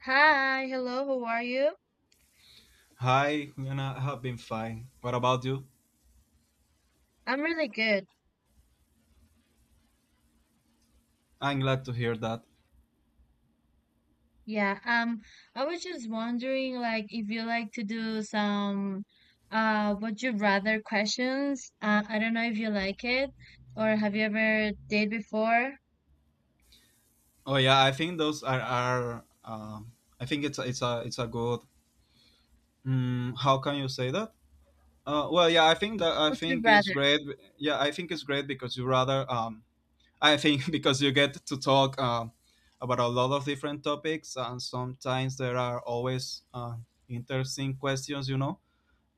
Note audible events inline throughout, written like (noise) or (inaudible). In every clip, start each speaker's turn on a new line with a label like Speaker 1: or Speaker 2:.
Speaker 1: Hi, hello, how are you?
Speaker 2: Hi, I have been fine. What about you?
Speaker 1: I'm really good.
Speaker 2: I'm glad to hear that.
Speaker 1: Yeah, I was just wondering, like, if you like to do some, would you rather questions? I don't know if you like it, or have you ever did before?
Speaker 2: Oh yeah, I think those are. I think it's a good. How can you say that? Well, yeah, I think
Speaker 1: Would you
Speaker 2: it's
Speaker 1: rather?
Speaker 2: great. Yeah, I think it's great because you rather. I think (laughs) because you get to talk about a lot of different topics, and sometimes there are always interesting questions. You know.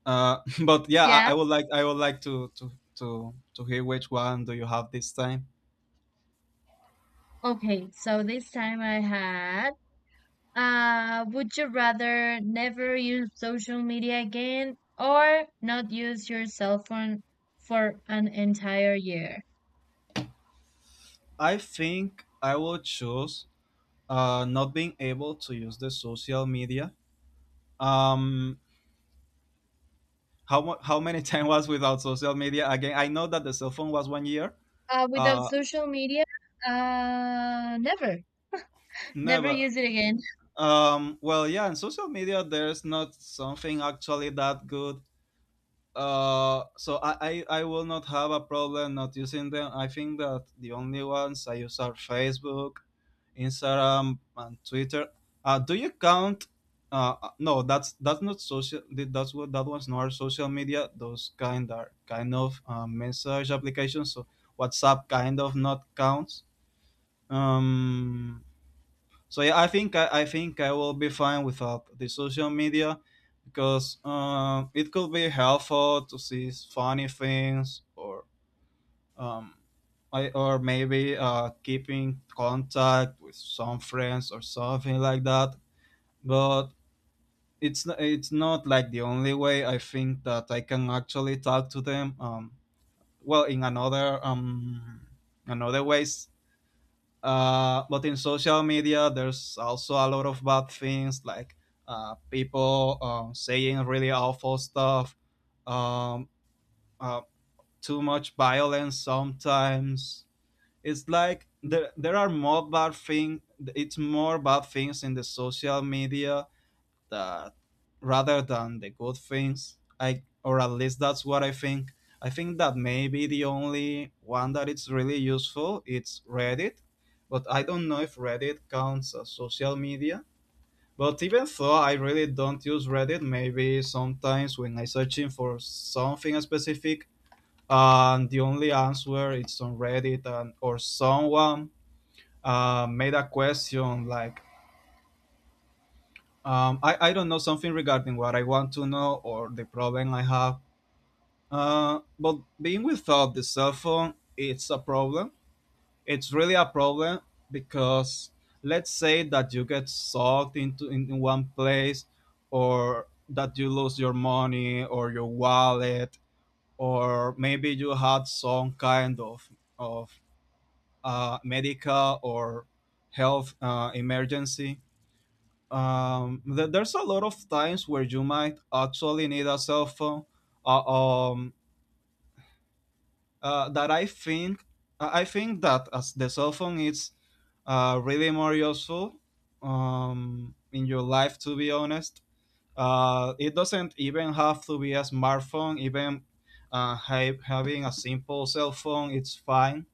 Speaker 2: Uh, (laughs) but yeah, I,
Speaker 1: Yeah.
Speaker 2: I would like to hear which one do you have this time.
Speaker 1: Okay, so this time I had, would you rather never use social media again, or not use your cell phone for an entire year?
Speaker 2: I think I will choose not being able to use the social media. Um, how many (laughs) time was without social media? Again, I know that the cell phone was 1 year.
Speaker 1: Without
Speaker 2: Uh,
Speaker 1: social media, never, never
Speaker 2: Never.
Speaker 1: use it again.
Speaker 2: Well, yeah, in social media there's not something actually that good. So I will not have a problem not using them. I think that the only ones I use are Facebook, Instagram, and Twitter. Do you count? No, that's not social. That one's not social media. Those kind are kind of message applications. So WhatsApp kind of not counts. Um, so yeah, I think I will be fine without the social media because it could be helpful to see funny things, or um, or maybe keeping contact with some friends or something like that. But it's not like the only way I think that I can actually talk to them. Well, in another ways, but in social media there's also a lot of bad things, like people saying really awful stuff, um, uh, too much violence sometimes. It's like there are more bad thing. It's more bad things in the social media, that rather than the good things, I or at least that's what I think. I think that maybe the only one that it's really useful, it's Reddit, but I don't know if Reddit counts as social media. But even though I really don't use Reddit, maybe sometimes when I searching for something specific, and the only answer is on Reddit, and or someone made a question, like, I don't know, something regarding what I want to know or the problem I have. But being without the cell phone, it's a problem. It's really a problem because, let's say that you get sucked into in one place, or that you lose your money or your wallet, or maybe you had some kind of medical or health emergency. There's a lot of times where you might actually need a cell phone. Uh, um, that I think that as the cell phone is really more useful in your life. To be honest, it doesn't even have to be a smartphone. Even having a simple cell phone, it's fine.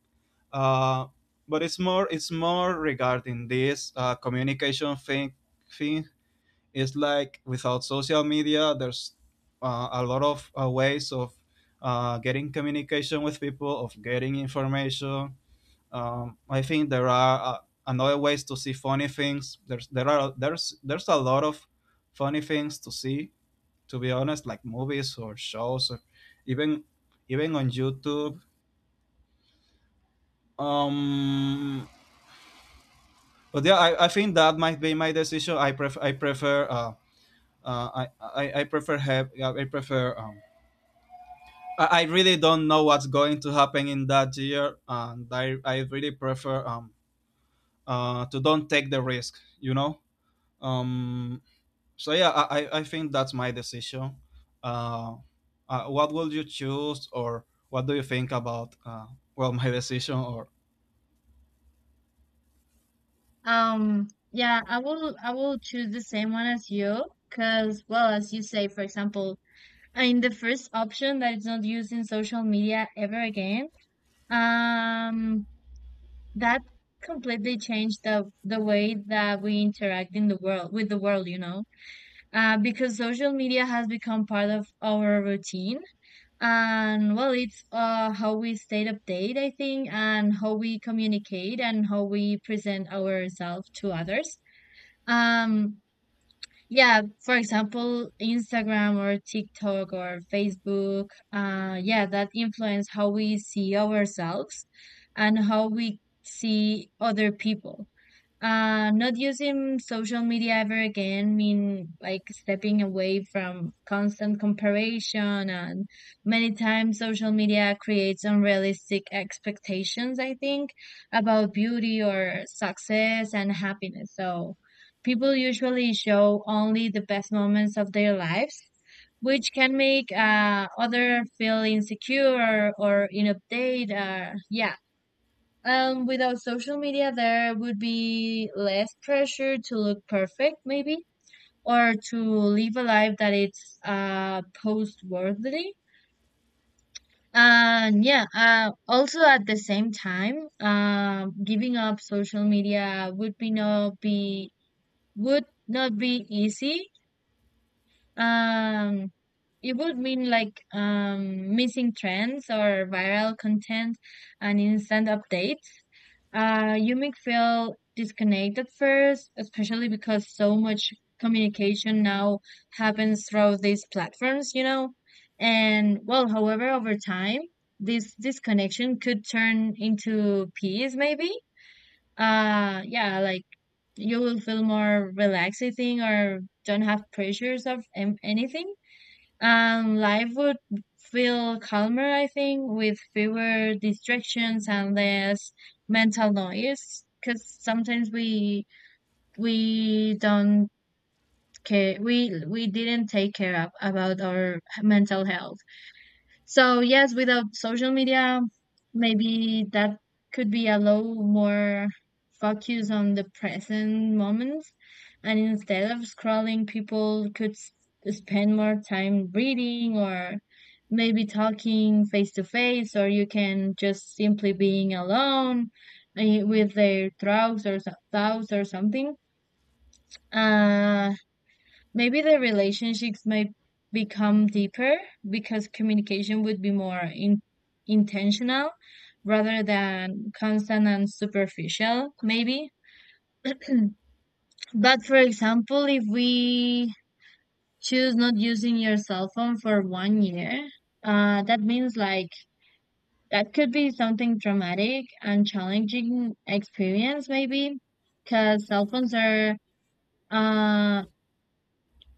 Speaker 2: Uh, but it's more regarding this communication thing. It's like without social media there's a lot of ways of getting communication with people, of getting information. I think there are another ways to see funny things. There's there are there's a lot of funny things to see. To be honest, like movies or shows, or even even on YouTube. Um, but yeah, I think that might be my decision. I prefer have I prefer I really don't know what's going to happen in that year, and I really prefer, to don't take the risk. Um. So yeah, I think that's my decision. Uh, what would you choose, or what do you think about well my (laughs) decision? Or
Speaker 1: Yeah, I will choose the same one as you, because, well, as you say, for example, in the first option that is not using social media ever again, um, that completely changed the way that we interact in the world with the world, because social media has become part of our routine. And well, it's how we stay updated, I think, and how we communicate and how we present ourselves to others. Um, yeah, for example, Instagram or TikTok or Facebook, yeah, that influence how we see ourselves and how we see other people. Not using social media ever again mean like stepping away from constant comparison, and many times social media creates unrealistic expectations, I think, about beauty or success and happiness. So people usually show only the best moments of their lives, which can make other feel insecure or inupdate. Yeah. Without social media, there would be less pressure to look perfect, maybe, or to live a life that it's post-worthy. And yeah, also at the same time, giving up social media would not be easy. Um, it would mean like missing trends or viral content and instant updates. You may feel disconnected first, especially because so much communication now happens through these platforms, you know? And well, however, over time, this disconnection could turn into peace, maybe. Yeah, like you will feel more relaxing or don't have pressures of, anything. And life would feel calmer, I think, with fewer distractions and less mental noise. Because sometimes we don't care, we didn't take care of about our mental health. So yes, without social media, maybe that could be a low more focus on the present moment. And instead of scrolling, people could spend more time reading or maybe talking face to face, or you can just simply being alone, with their thoughts thoughts or something. Uh, Maybe the relationships might become deeper because communication would be more intentional rather than constant and superficial, maybe. (clears throat) But for example, if we choose not using your cell phone for one year, that means like that could be something traumatic and challenging experience, maybe, because cell phones are, uh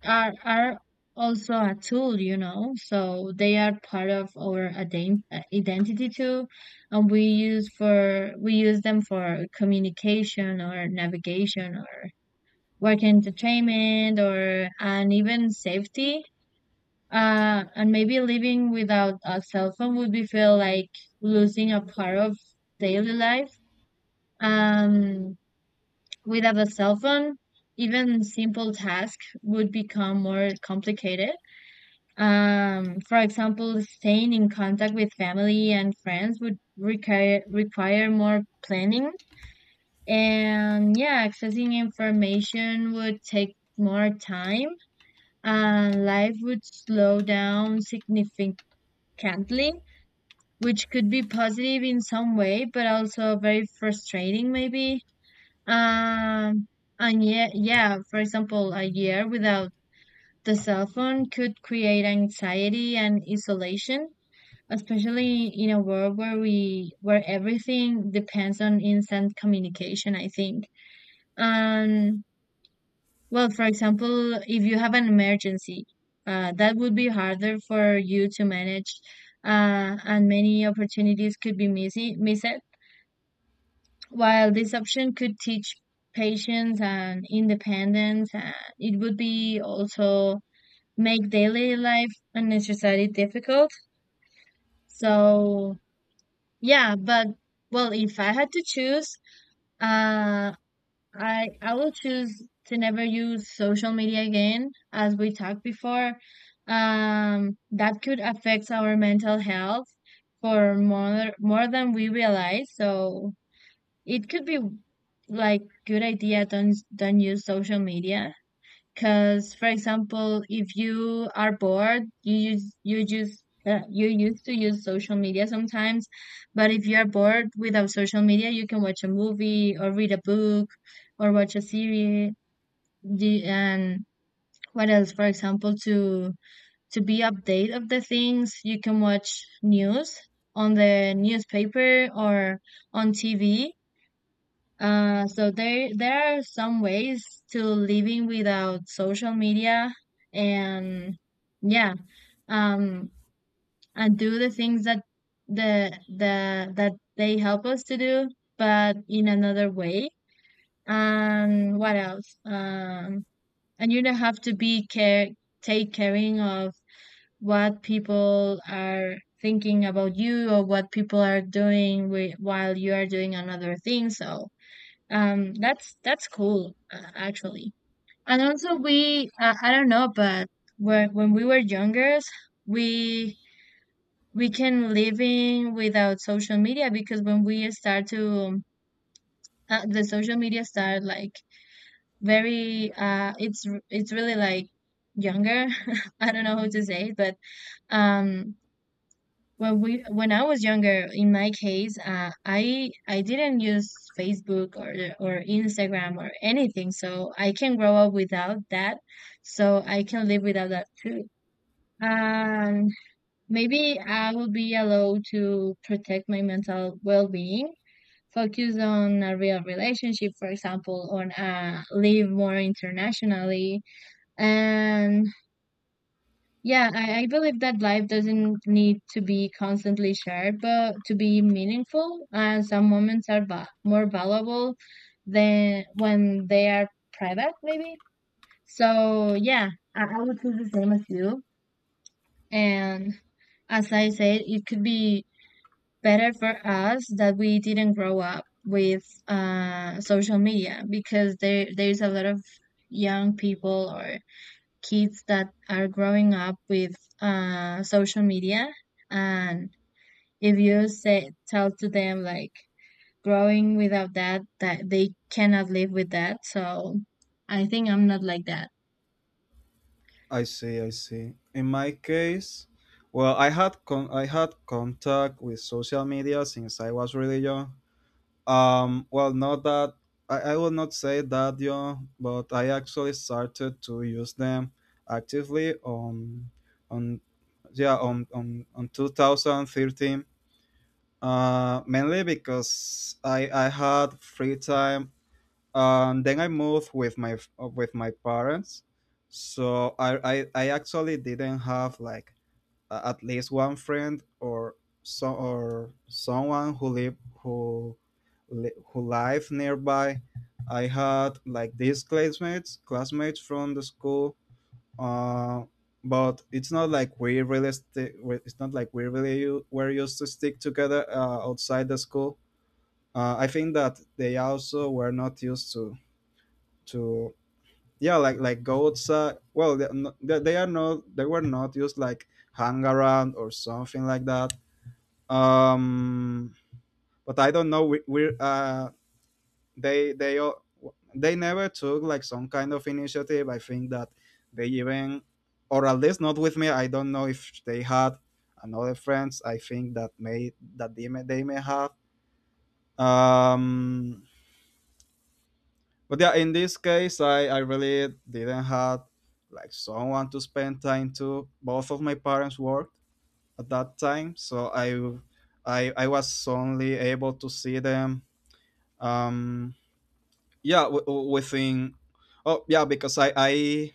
Speaker 1: are are also a tool, you know. So they are part of our identity too, and we use them for communication or navigation or work entertainment or and even safety. And maybe living without a cell phone would be feel like losing a part of daily life. Um, Without a cell phone, even simple tasks would become more complicated, for example, staying in contact with family and friends would require more planning, and yeah, accessing information would take more time, and life would slow down significantly, which could be positive in some way, but also very frustrating maybe. Um, and yeah, yeah, for example, a year without the cell phone could create anxiety and isolation, especially in a world where everything depends on instant communication, I think. And well, for example, if you have an emergency, that would be harder for you to manage, and many opportunities could be missing missed, while this option could teach patience and independence, and it would be also make daily life unnecessarily difficult. So yeah, but well, if I had to choose, uh, I will choose to never use social media again, as we talked before. That could affect our mental health for more than we realize. So it could be like good idea, don't use social media. Because, for example, if you are bored, you used to use social media sometimes, but if you are bored without social media, you can watch a movie or read a book or watch a series. And what else? For example, to be update of the things, you can watch news on the newspaper or on TV, so there are some ways to living without social media, and yeah, um, and do the things that the that they help us to do, but in another way. And what else? And you don't have to be care take caring of what people are thinking about you or what people are doing while you are doing another thing. So that's cool, actually. And also, we I don't know, but when we were younger, we we can live in without social media because when we start to, the social media start like very it's it's really like younger. (laughs) I don't know how to say it, but um, When we when I was younger, in my case, I didn't use Facebook or Instagram or anything, so I can grow up without that. So I can live without that too. And maybe I will be allowed to protect my mental well-being, focus on a real relationship, for example, on, live more internationally, and yeah, I believe that life doesn't need to be constantly shared, but to be meaningful, and some moments are va more valuable than when they are private, maybe. So yeah, I would do the same as you. And as I said, it could be better for us that we didn't grow up with, social media, because there's a lot of young people or kids that are growing up with, social media. And if you say tell to them like growing without that that they cannot live with that, so I think I'm not like that.
Speaker 2: I see, I see. In my case, well, I had contact with social media since I was really young. Well, not that I will not say that, but I actually started to use them actively on yeah on 2013. Mainly because I had free time. Then I moved with my parents, so I actually didn't have like at least one friend, or so, or someone who live nearby. I had like these classmates from the school, uh, but it's not like we really were used to stick together, outside the school. I think that they also were not used to, like, go outside. Well, they, no, they are not they were not used like hang around or something like that. um but I don't know, we, we're they all they never took like some kind of initiative. I think that they even, or at least not with me, I don't know if they had another friends. I think that may that they may have. um but yeah, in this case I really didn't have like someone to spend time to. Both of my parents worked at that time, so I was only able to see them. Um yeah w- w- within Oh yeah, because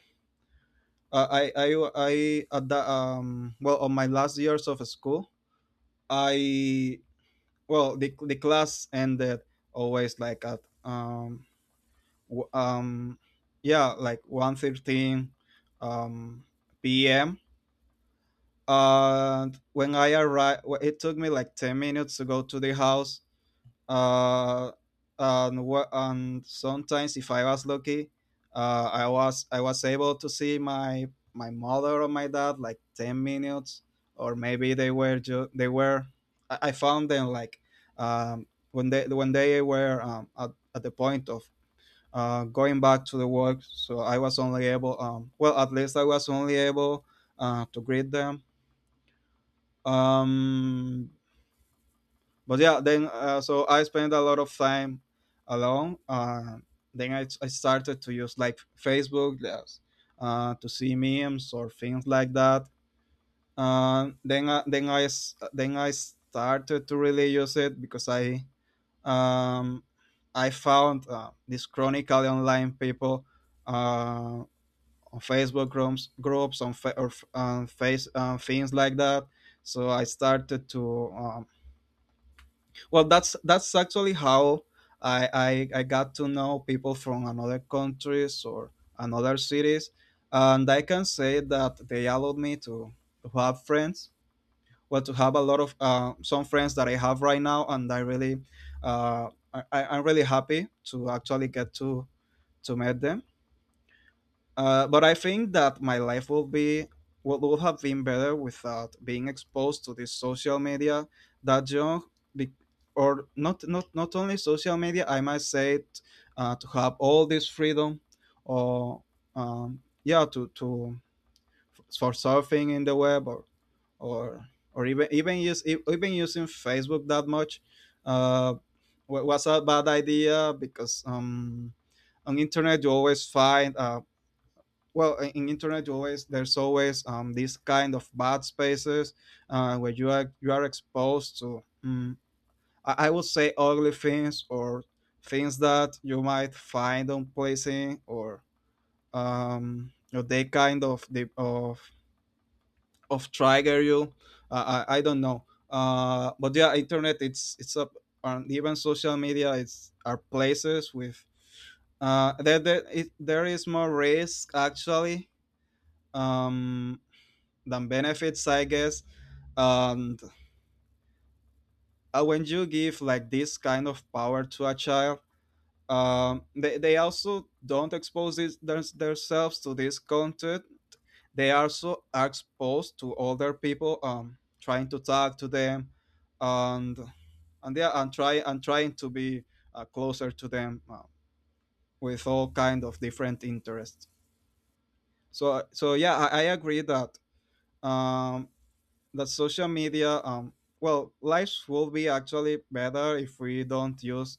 Speaker 2: uh, i i I at the well on my last years of school. I well, the class ended always, like at w- um yeah, like, 1:13, um p.m., and when I arrived it took me like 10 minutes to go to the house. uh, and sometimes, if I was lucky, I was able to see my mother or my dad like 10 minutes, or maybe they were I found them like, when they were, at the point of going back to the work, so I was only able, well, at least I was only able, to greet them. Um, but yeah, then, so I spent a lot of time alone. Then I started to use like Facebook, yes, to see memes or things like that. Then I started to really use it because um, I found these chronically online people uh, on Facebook groups, on fa- or, f- on face things like that, so I started to, well, that's actually how I got to know people from another countries or another cities, and I can say that they allowed me to have friends, well, to have a lot of some friends that I have right now, and I really uh, I'm really happy to actually get to meet them. But I think that my life will be would have been better without being exposed to this social media that young, be, or not only social media, I might say it, to have all this freedom, or, yeah, to for surfing in the web, or even using Facebook that much. Uh, wa- was a bad idea because, on internet you always find, well, in internet you always, there's always, these kind of bad spaces where you are exposed to, I would say, ugly things, or things that you might find unpleasing, or they kind of they of trigger you. I don't know. But yeah, internet, it's a and even social media, it's are places with, there is more risk actually, um than benefits, I guess. And, when you give like this kind of power to a child, they also don't expose themselves to this content. They also are exposed to other people, trying to talk to them, and and yeah, and trying to be closer to them, with all kind of different interests. So yeah, I agree that, um, that social media, well, lives will be actually better if we don't use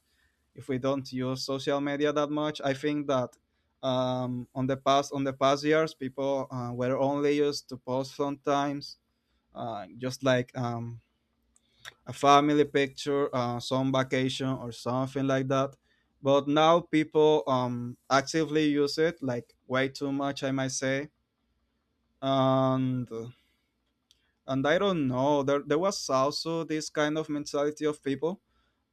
Speaker 2: social media that much. I think that, on the past, years, people, were only used to post sometimes, just like, a family picture, some vacation or something like that. But now people actively use it like way too much, I might say. And and I don't know. There was also this kind of mentality of people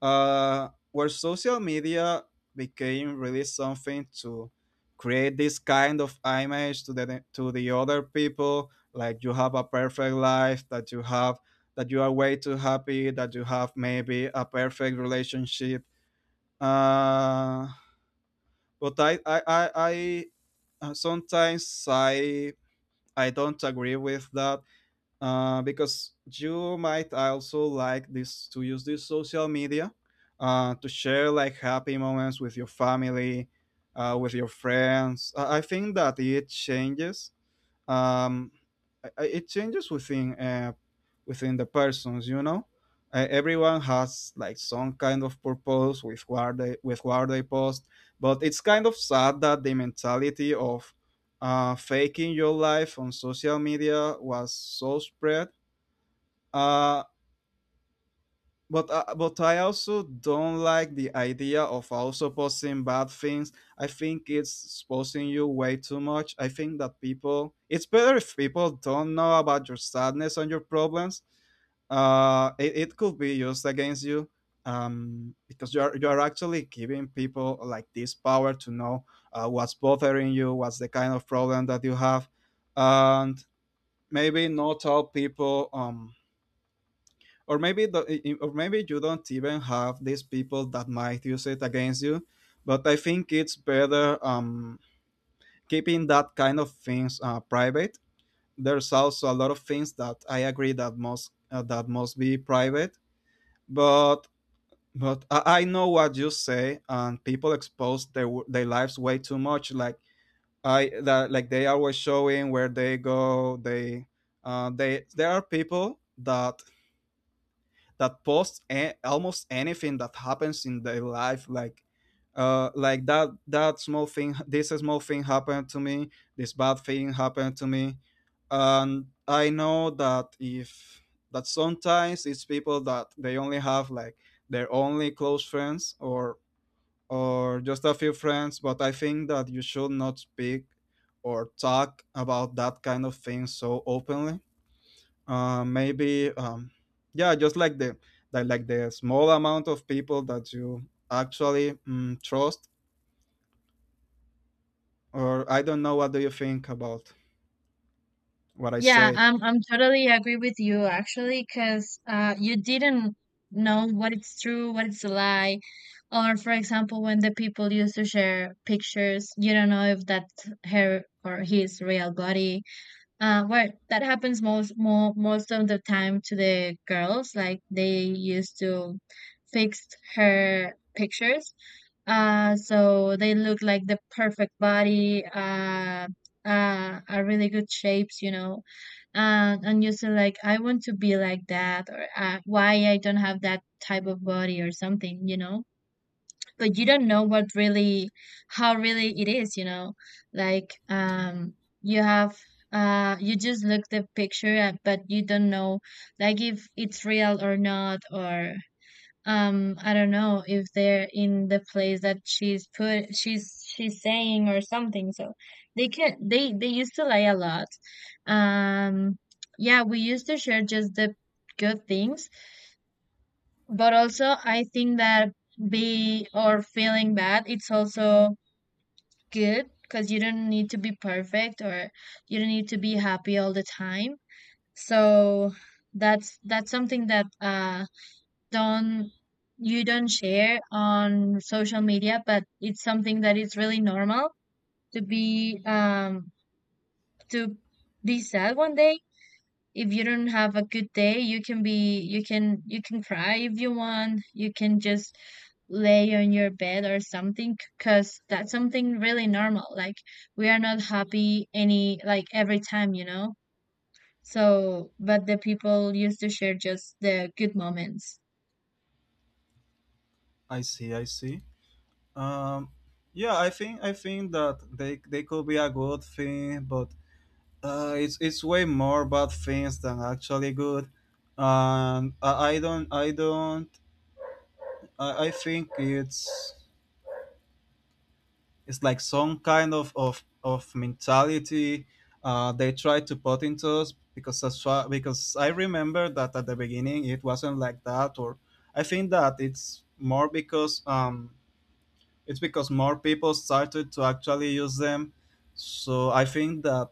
Speaker 2: where social media became really something to create this kind of image to the other people, like you have a perfect life, that you have that you are way too happy, that you have maybe a perfect relationship. Uh, but I sometimes I don't agree with that, because you might also like this to use this social media, to share like happy moments with your family, with your friends. I think that it changes. um it changes within, within the persons, you know. Everyone has like some kind of purpose with what they post, but it's kind of sad that the mentality of faking your life on social media was so spread. uh but I also don't like the idea of also posting bad things. I think it's exposing you way too much. I think that people, it's better if people don't know about your sadness and your problems. It could be used against you, because you are actually giving people like this power to know what's bothering you, what's the kind of problem that you have, and maybe not all people, or maybe the, or maybe you don't even have these people that might use it against you. But I think it's better, keeping that kind of things private. There's also a lot of things that I agree that must, that must be private. But but I know what you say, and people expose their their lives way too much, like I that like they always showing where they go. They there are people that that posts almost anything that happens in their life, like, like that small thing, this small thing happened to me, this bad thing happened to me. And I know that if, that sometimes it's people that they only have like their only close friends, or just a few friends. But I think that you should not speak or talk about that kind of thing so openly. Maybe Yeah, just like the, that like the small amount of people that you actually trust. Or I don't know, what do you think about what I
Speaker 1: Yeah,
Speaker 2: said?
Speaker 1: I'm totally agree with you actually, because you didn't know what it's true what it's a lie, or for example when the people used to share pictures you don't know if that's her or his real body. Well, that happens most of the time to the girls. Like they used to fix her pictures, so they look like the perfect body, are really good shapes, you know. And you say like, I want to be like that, or why I don't have that type of body or something, but you don't know what really how really it is, like, you have you just look the picture. But you don't know, like, if it's real or not, or, I don't know if they're in the place that she's put she's saying or something, so they can they used to lie a lot. um yeah, we used to share just the good things. But also I think that be or feeling bad it's also good, because you don't need to be perfect, or you don't need to be happy all the time. So that's something that don't you don't share on social media, but it's something that is really normal. To be um to be sad one day, if you don't have a good day, you can you can cry if you want, you can just lay on your bed or something, because that's something really normal. Like, we are not happy any like every time. So, but the people used to share just the good moments.
Speaker 2: I see, I see. um, yeah, I think that they could be a good thing, but it's way more bad things than actually good. And i, I don't i don't I, I think it's like some kind of of mentality they try to put into us, because as far, because I remember that at the beginning it wasn't like that. Or I think that it's more because, it's because more people started to actually use them. So I think that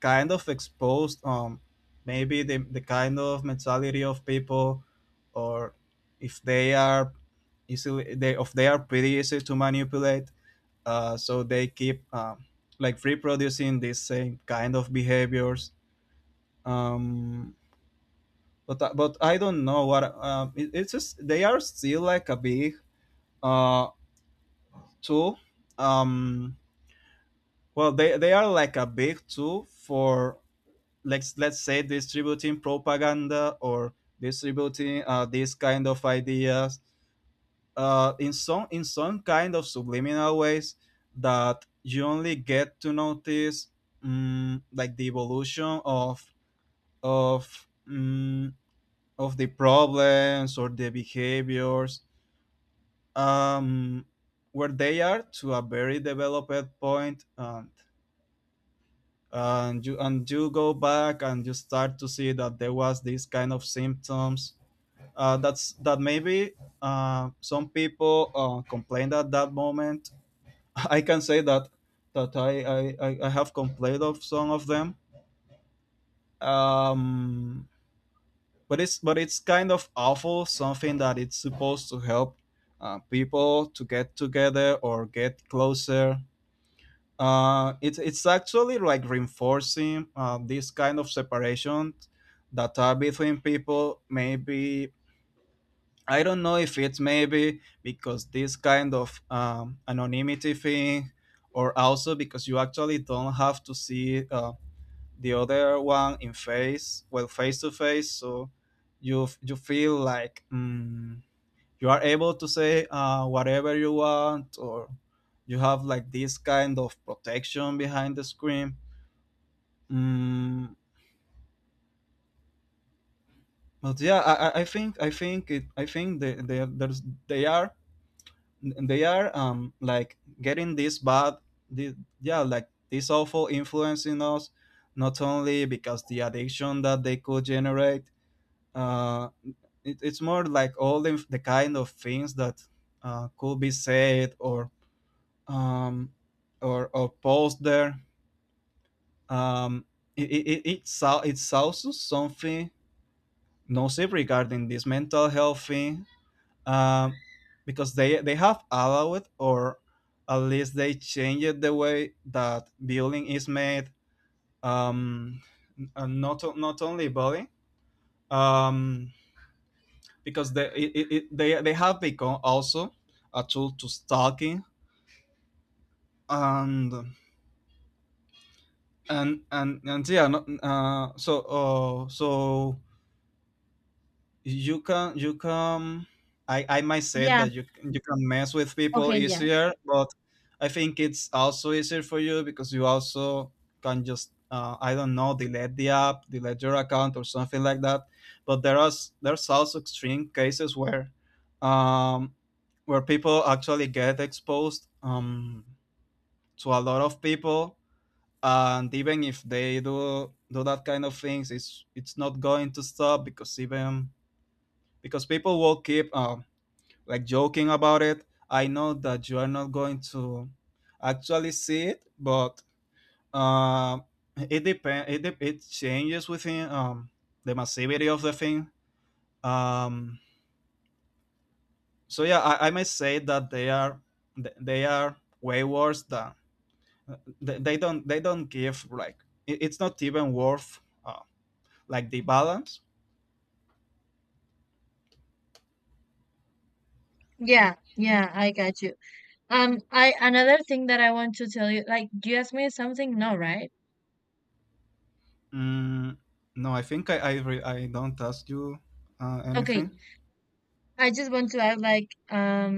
Speaker 2: kind of exposed, maybe the kind of mentality of people, or if they are easily, they if they are pretty easy to manipulate. So they keep, like reproducing this same kind of behaviors. um, but I don't know what, it's just they are still like a big, uh, tool. Um, well they are like a big tool for, let's say distributing propaganda, or distributing, these kind of ideas, in some kind of subliminal ways that you only get to notice, like the evolution of of mm of the problems or the behaviors, um, where they are to a very developed point. And you and you go back and you start to see that there was this kind of symptoms, that maybe, some people complained at that moment. (laughs) I can say that I have complained of some of them. Um, but it's kind of awful. Something that it's supposed to help people to get together or get closer. It's actually like reinforcing, this kind of separation that are between people. Maybe I don't know if it's maybe because this kind of, anonymity thing, or also because you actually don't have to see, the other one in face, well, face to face. So you you feel like, you are able to say, whatever you want, or you have like this kind of protection behind the screen. Mm, but yeah, I think it, I think they there's they are, like getting this bad, the, yeah, like this awful influence in us, not only because the addiction that they could generate. Uh it, it's more like all the kind of things that, could be said or, um or posted there. um it also something nocive regarding this mental health thing, um, because they have allowed, or at least they changed the way that building is made, um, and not not only building. um, because they it, it, it- they have become also a tool to stalking. And and and and yeah. Not so you can I might say
Speaker 1: Yeah.
Speaker 2: that you can, you can- mess with people
Speaker 1: Okay, yeah.
Speaker 2: easier. But I think it's also easier for you because you also can just, I don't know, delete the app, delete your account or something like that. But there are there's also extreme cases where, um, where people actually get exposed, to a lot of people, and even if they do that kind of things, it's not going to stop because, even because people will keep, like joking about it. I know that you are not going to actually see it. But, um, it depends. It it changes within, the massivity of the thing. Um, so yeah, I may say that they are, they are way worse than, they don't give like, it, it's not even worth, like the balance.
Speaker 1: Yeah, yeah, I got you. I another thing that I want to tell you, like, do you ask me something? No, right?
Speaker 2: Mm, no, I think I I don't ask you, anything.
Speaker 1: Okay, I just want to add, like,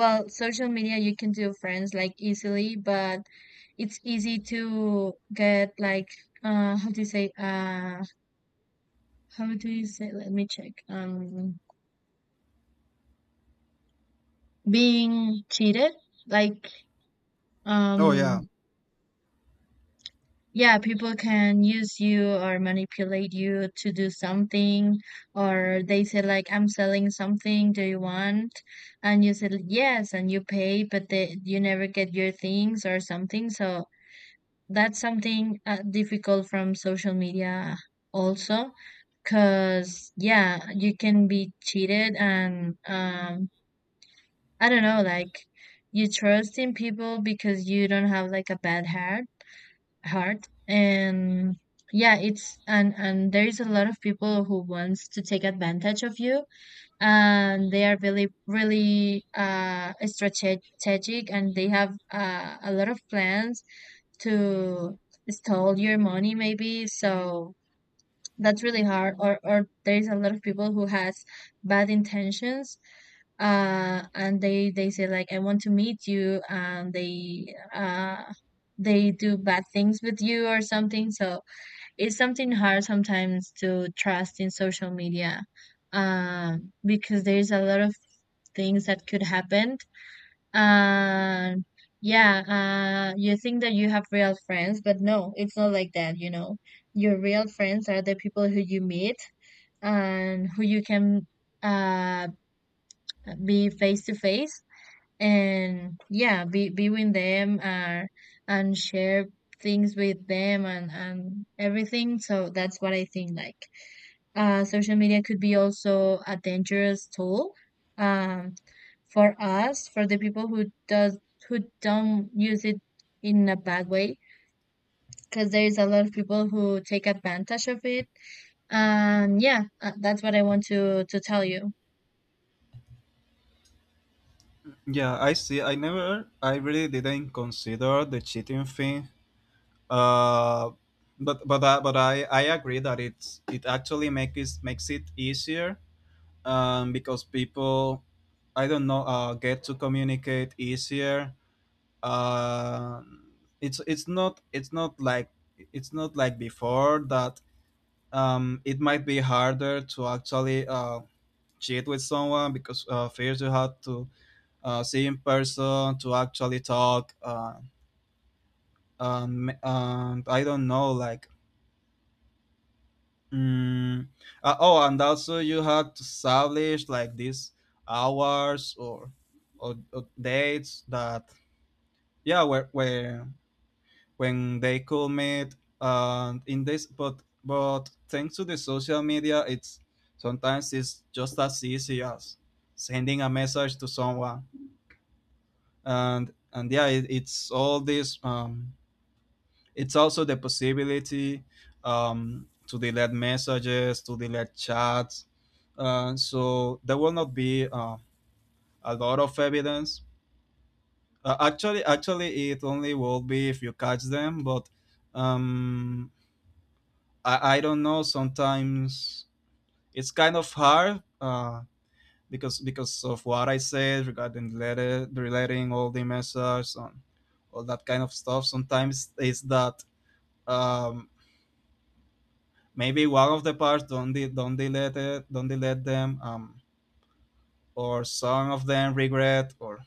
Speaker 1: well, social media you can do friends like easily, but it's easy to get, like, uh how do you say uh how do you say, let me check, being cheated, like,
Speaker 2: Oh
Speaker 1: um
Speaker 2: yeah,
Speaker 1: yeah, people can use you or manipulate you to do something, or they say like, I'm selling something, do you want? And you said yes and you pay, but they you never get your things or something. So that's something, difficult from social media also, because yeah, you can be cheated. And, I don't know, like you trust in people because you don't have like a bad heart. And yeah, it's and there is a lot of people who wants to take advantage of you, and they are really really strategic, and they have, a lot of plans to steal your money maybe, so that's really hard. Or there's a lot of people who has bad intentions. And they say like, I want to meet you, and they do bad things with you or something. So it's something hard sometimes to trust in social media, because there's a lot of things that could happen. And yeah, you think that you have real friends, but no, it's not like that, you know. Your real friends are the people who you meet and who you can uh be face to face and yeah, be with them, and share things with them and everything. So that's what I think, like social media could be also a dangerous tool, um, for us, for the people who does who don't use it in a bad way, because there is a lot of people who take advantage of it. And yeah, that's what I want to tell you.
Speaker 2: yeah, I see. I never, I really didn't consider the cheating thing. Uh, but I agree that it's, it actually makes it easier. Because people, I don't know, get to communicate easier. Uh, it's it's not it's not like it's not like before that. It might be harder to actually cheat with someone, because first you have to see in person to actually talk. And I don't know, like, mm, oh, and also you had to establish like these hours, or dates that, yeah, where when they could meet. And in this, but thanks to the social media, it's, sometimes it's just as easy as sending a message to someone. And yeah, it's all this, it's also the possibility, to delete messages, to delete chats. So there will not be, a lot of evidence. Actually, it only will be if you catch them. But, um, I don't know. Sometimes it's kind of hard, because of what I said regarding letter, relating all the messages and all that kind of stuff. Sometimes it's that, um, maybe one of the parts don't they let them, or some of them regret,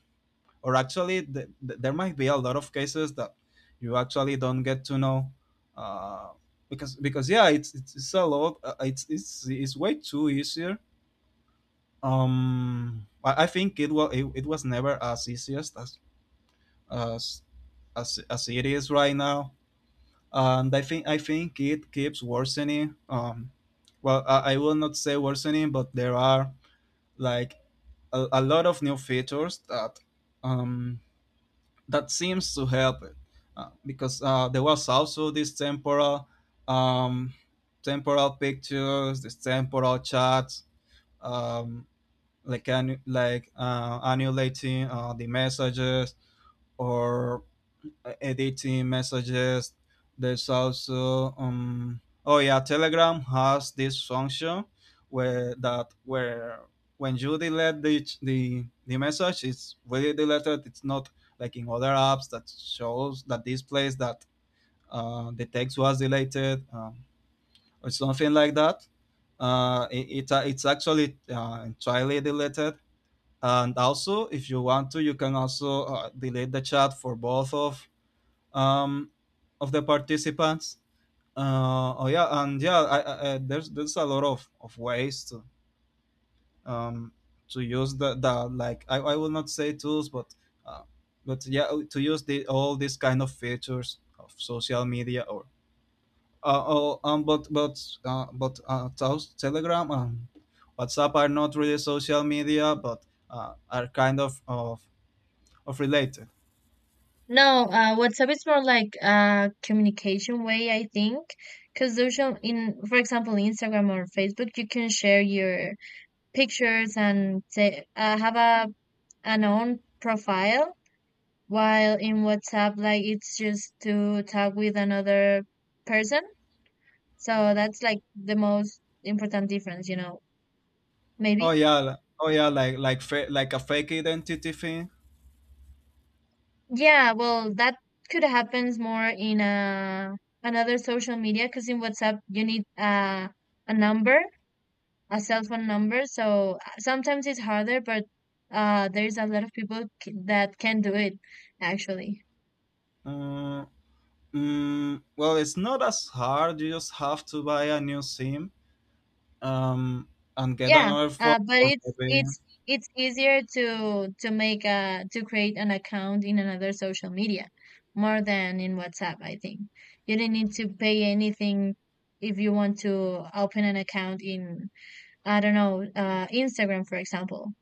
Speaker 2: or actually there might be a lot of cases that you actually don't get to know, uh, because yeah it's a lot, it's it's way too easier. I think it was never as easiest as as as it is right now. And I think it keeps worsening. I will not say worsening, but there are like a lot of new features that, um, that seems to help it, because there was also this temporal, um, temporal pictures, this temporal chats, um, like annulating, the messages, or editing messages. There's also, Telegram has this function where that where when you delete the message, it's really deleted. It's not like in other apps that shows that displays that, the text was deleted, or something like that. It's actually, entirely deleted. And also, if you want to, you can also, delete the chat for both of, um, of the participants. Oh yeah, and yeah, I, There's a lot of ways to, um, to use the, like I will not say tools, but, uh, yeah, to use the all these kind of features of social media. Or, oh, but Telegram and WhatsApp are not really social media, but, are kind of related.
Speaker 1: No, WhatsApp is more like a communication way, I think, because social in, for example, Instagram or Facebook, you can share your pictures and say have a an own profile. While in WhatsApp, like, it's just to talk with another person. So that's like the most important difference, you know.
Speaker 2: Oh
Speaker 1: Maybe.
Speaker 2: yeah, oh yeah, like a fake identity thing.
Speaker 1: Yeah, well, that could happens more in a another social media, because in WhatsApp you need a number, a cell phone number. So sometimes it's harder, but there's a lot of people that can do it actually.
Speaker 2: Uh, well, it's not as hard. You just have to buy a new SIM um, and get
Speaker 1: Yeah,
Speaker 2: another phone,
Speaker 1: but
Speaker 2: or
Speaker 1: it's
Speaker 2: maybe.
Speaker 1: it's it's easier to make a to create an account in another social media more than in WhatsApp, I think. You don't need to pay anything if you want to open an account in, I don't know, Instagram, for example.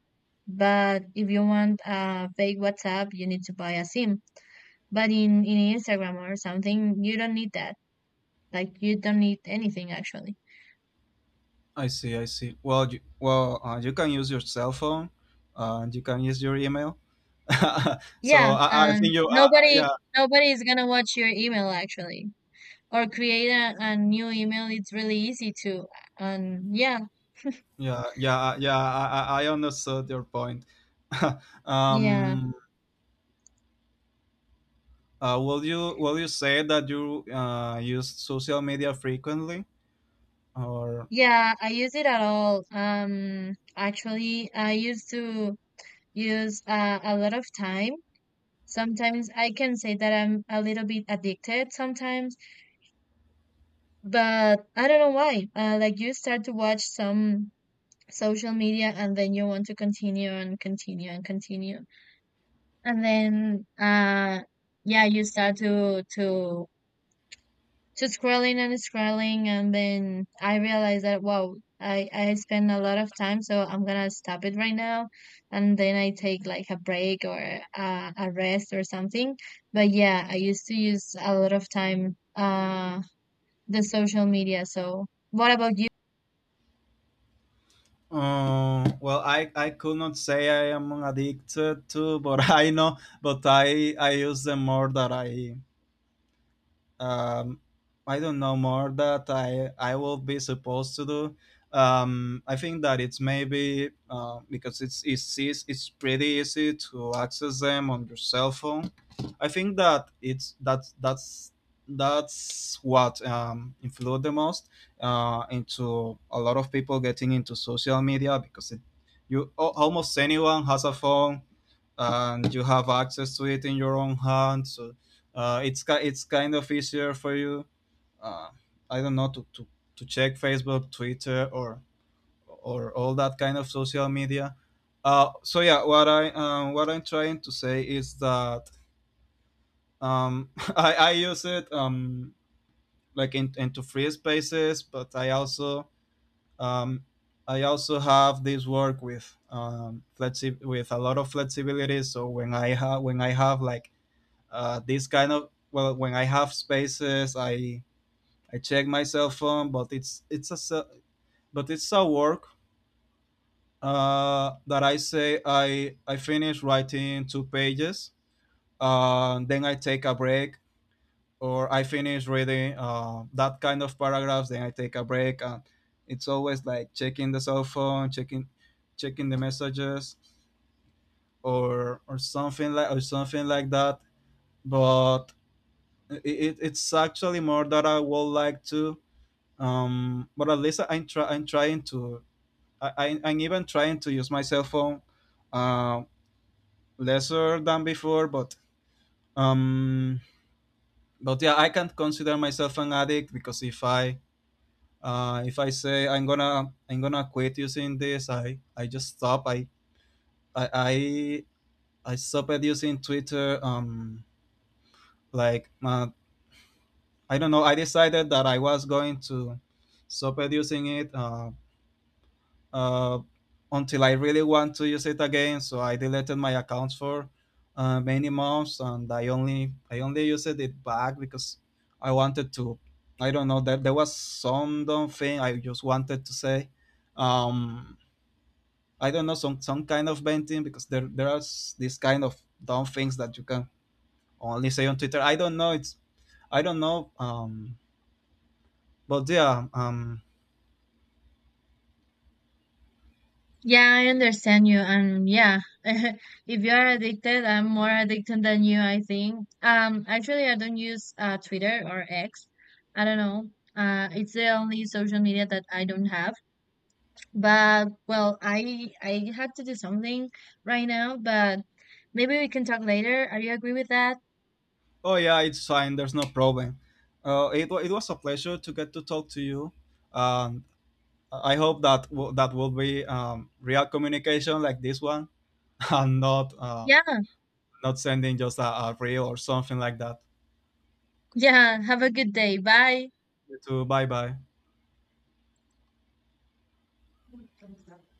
Speaker 1: But if you want a fake WhatsApp, you need to buy a SIM. But in Instagram or something, you don't need that. Like, you don't need anything actually.
Speaker 2: I see, I see. Well, well, you can use your cell phone, and you can use your email. (laughs) So
Speaker 1: Yeah,
Speaker 2: I
Speaker 1: and
Speaker 2: think
Speaker 1: nobody
Speaker 2: yeah,
Speaker 1: nobody is gonna watch your email actually, or create a new email. It's really easy to, and yeah,
Speaker 2: yeah, yeah, yeah. I understood your point. (laughs)
Speaker 1: yeah,
Speaker 2: um, will you say that you use social media frequently, or?
Speaker 1: yeah. I use it at all. Actually, I used to use a lot of time. Sometimes I can say that I'm a little bit addicted sometimes, but I don't know why. Like you start to watch some social media and then you want to continue and continue and continue. And then yeah, you start to scrolling and scrolling, and then I realized that, wow, I spend a lot of time, so I'm gonna stop it right now. And then I take like a break or a rest or something. But yeah, I used to use a lot of time the social media. So what about you?
Speaker 2: Well, I could not say I am addicted to, but (laughs) I know, but I use them more than um, I don't know more that I will be supposed to do. I think that it's maybe because it's pretty easy to access them on your cell phone. I think that it's that's what influenced the most into a lot of people getting into social media because almost anyone has a phone and you have access to it in your own hand. So it's kind of easier for you. Uh, I don't know to check Facebook, Twitter, or all that kind of social media. So yeah, what I'm trying to say is that um, (laughs) I use it like into free spaces, but um, I also have this work with with a lot of flexibility. So when I have like this kind of, well, when I have spaces, I check my cell phone, but but it's a work that I say I finish writing 2 pages, then I take a break, or I finish reading that kind of paragraphs, then I take a break, and it's always like checking the cell phone, checking the messages, or or something like that. But it's actually more that I would like to. Um, but at least I'm trying to, I'm even trying to use my cell phone uh, lesser than before, um, but yeah, I can't consider myself an addict because if I say I'm gonna quit using this, I just stop. I I, I stopped using Twitter. Like uh, I don't know. I decided that I was going to stop using it. Uh, until I really want to use it again. So I deleted my account for many months, and I only used it back because I wanted to. I don't know. There was some dumb thing I just wanted to say. Um, I don't know, some kind of venting because this kind of dumb things that you can only say on Twitter. I don't know. It's I don't know. But yeah.
Speaker 1: Yeah, I understand you. And yeah, (laughs) if you are addicted, I'm more addicted than you, I think. Actually, I don't use Twitter or X. I don't know. It's the only social media that I don't have. But well, I had to do something right now, but maybe we can talk later. Are you agree with that?
Speaker 2: Oh yeah, it's fine. There's no problem. It was a pleasure to get to talk to you. Um, I hope that that will be real communication like this one, (laughs) and not
Speaker 1: Yeah,
Speaker 2: not sending just a reel or something like that.
Speaker 1: yeah. Have a good day. Bye.
Speaker 2: You too. Bye bye.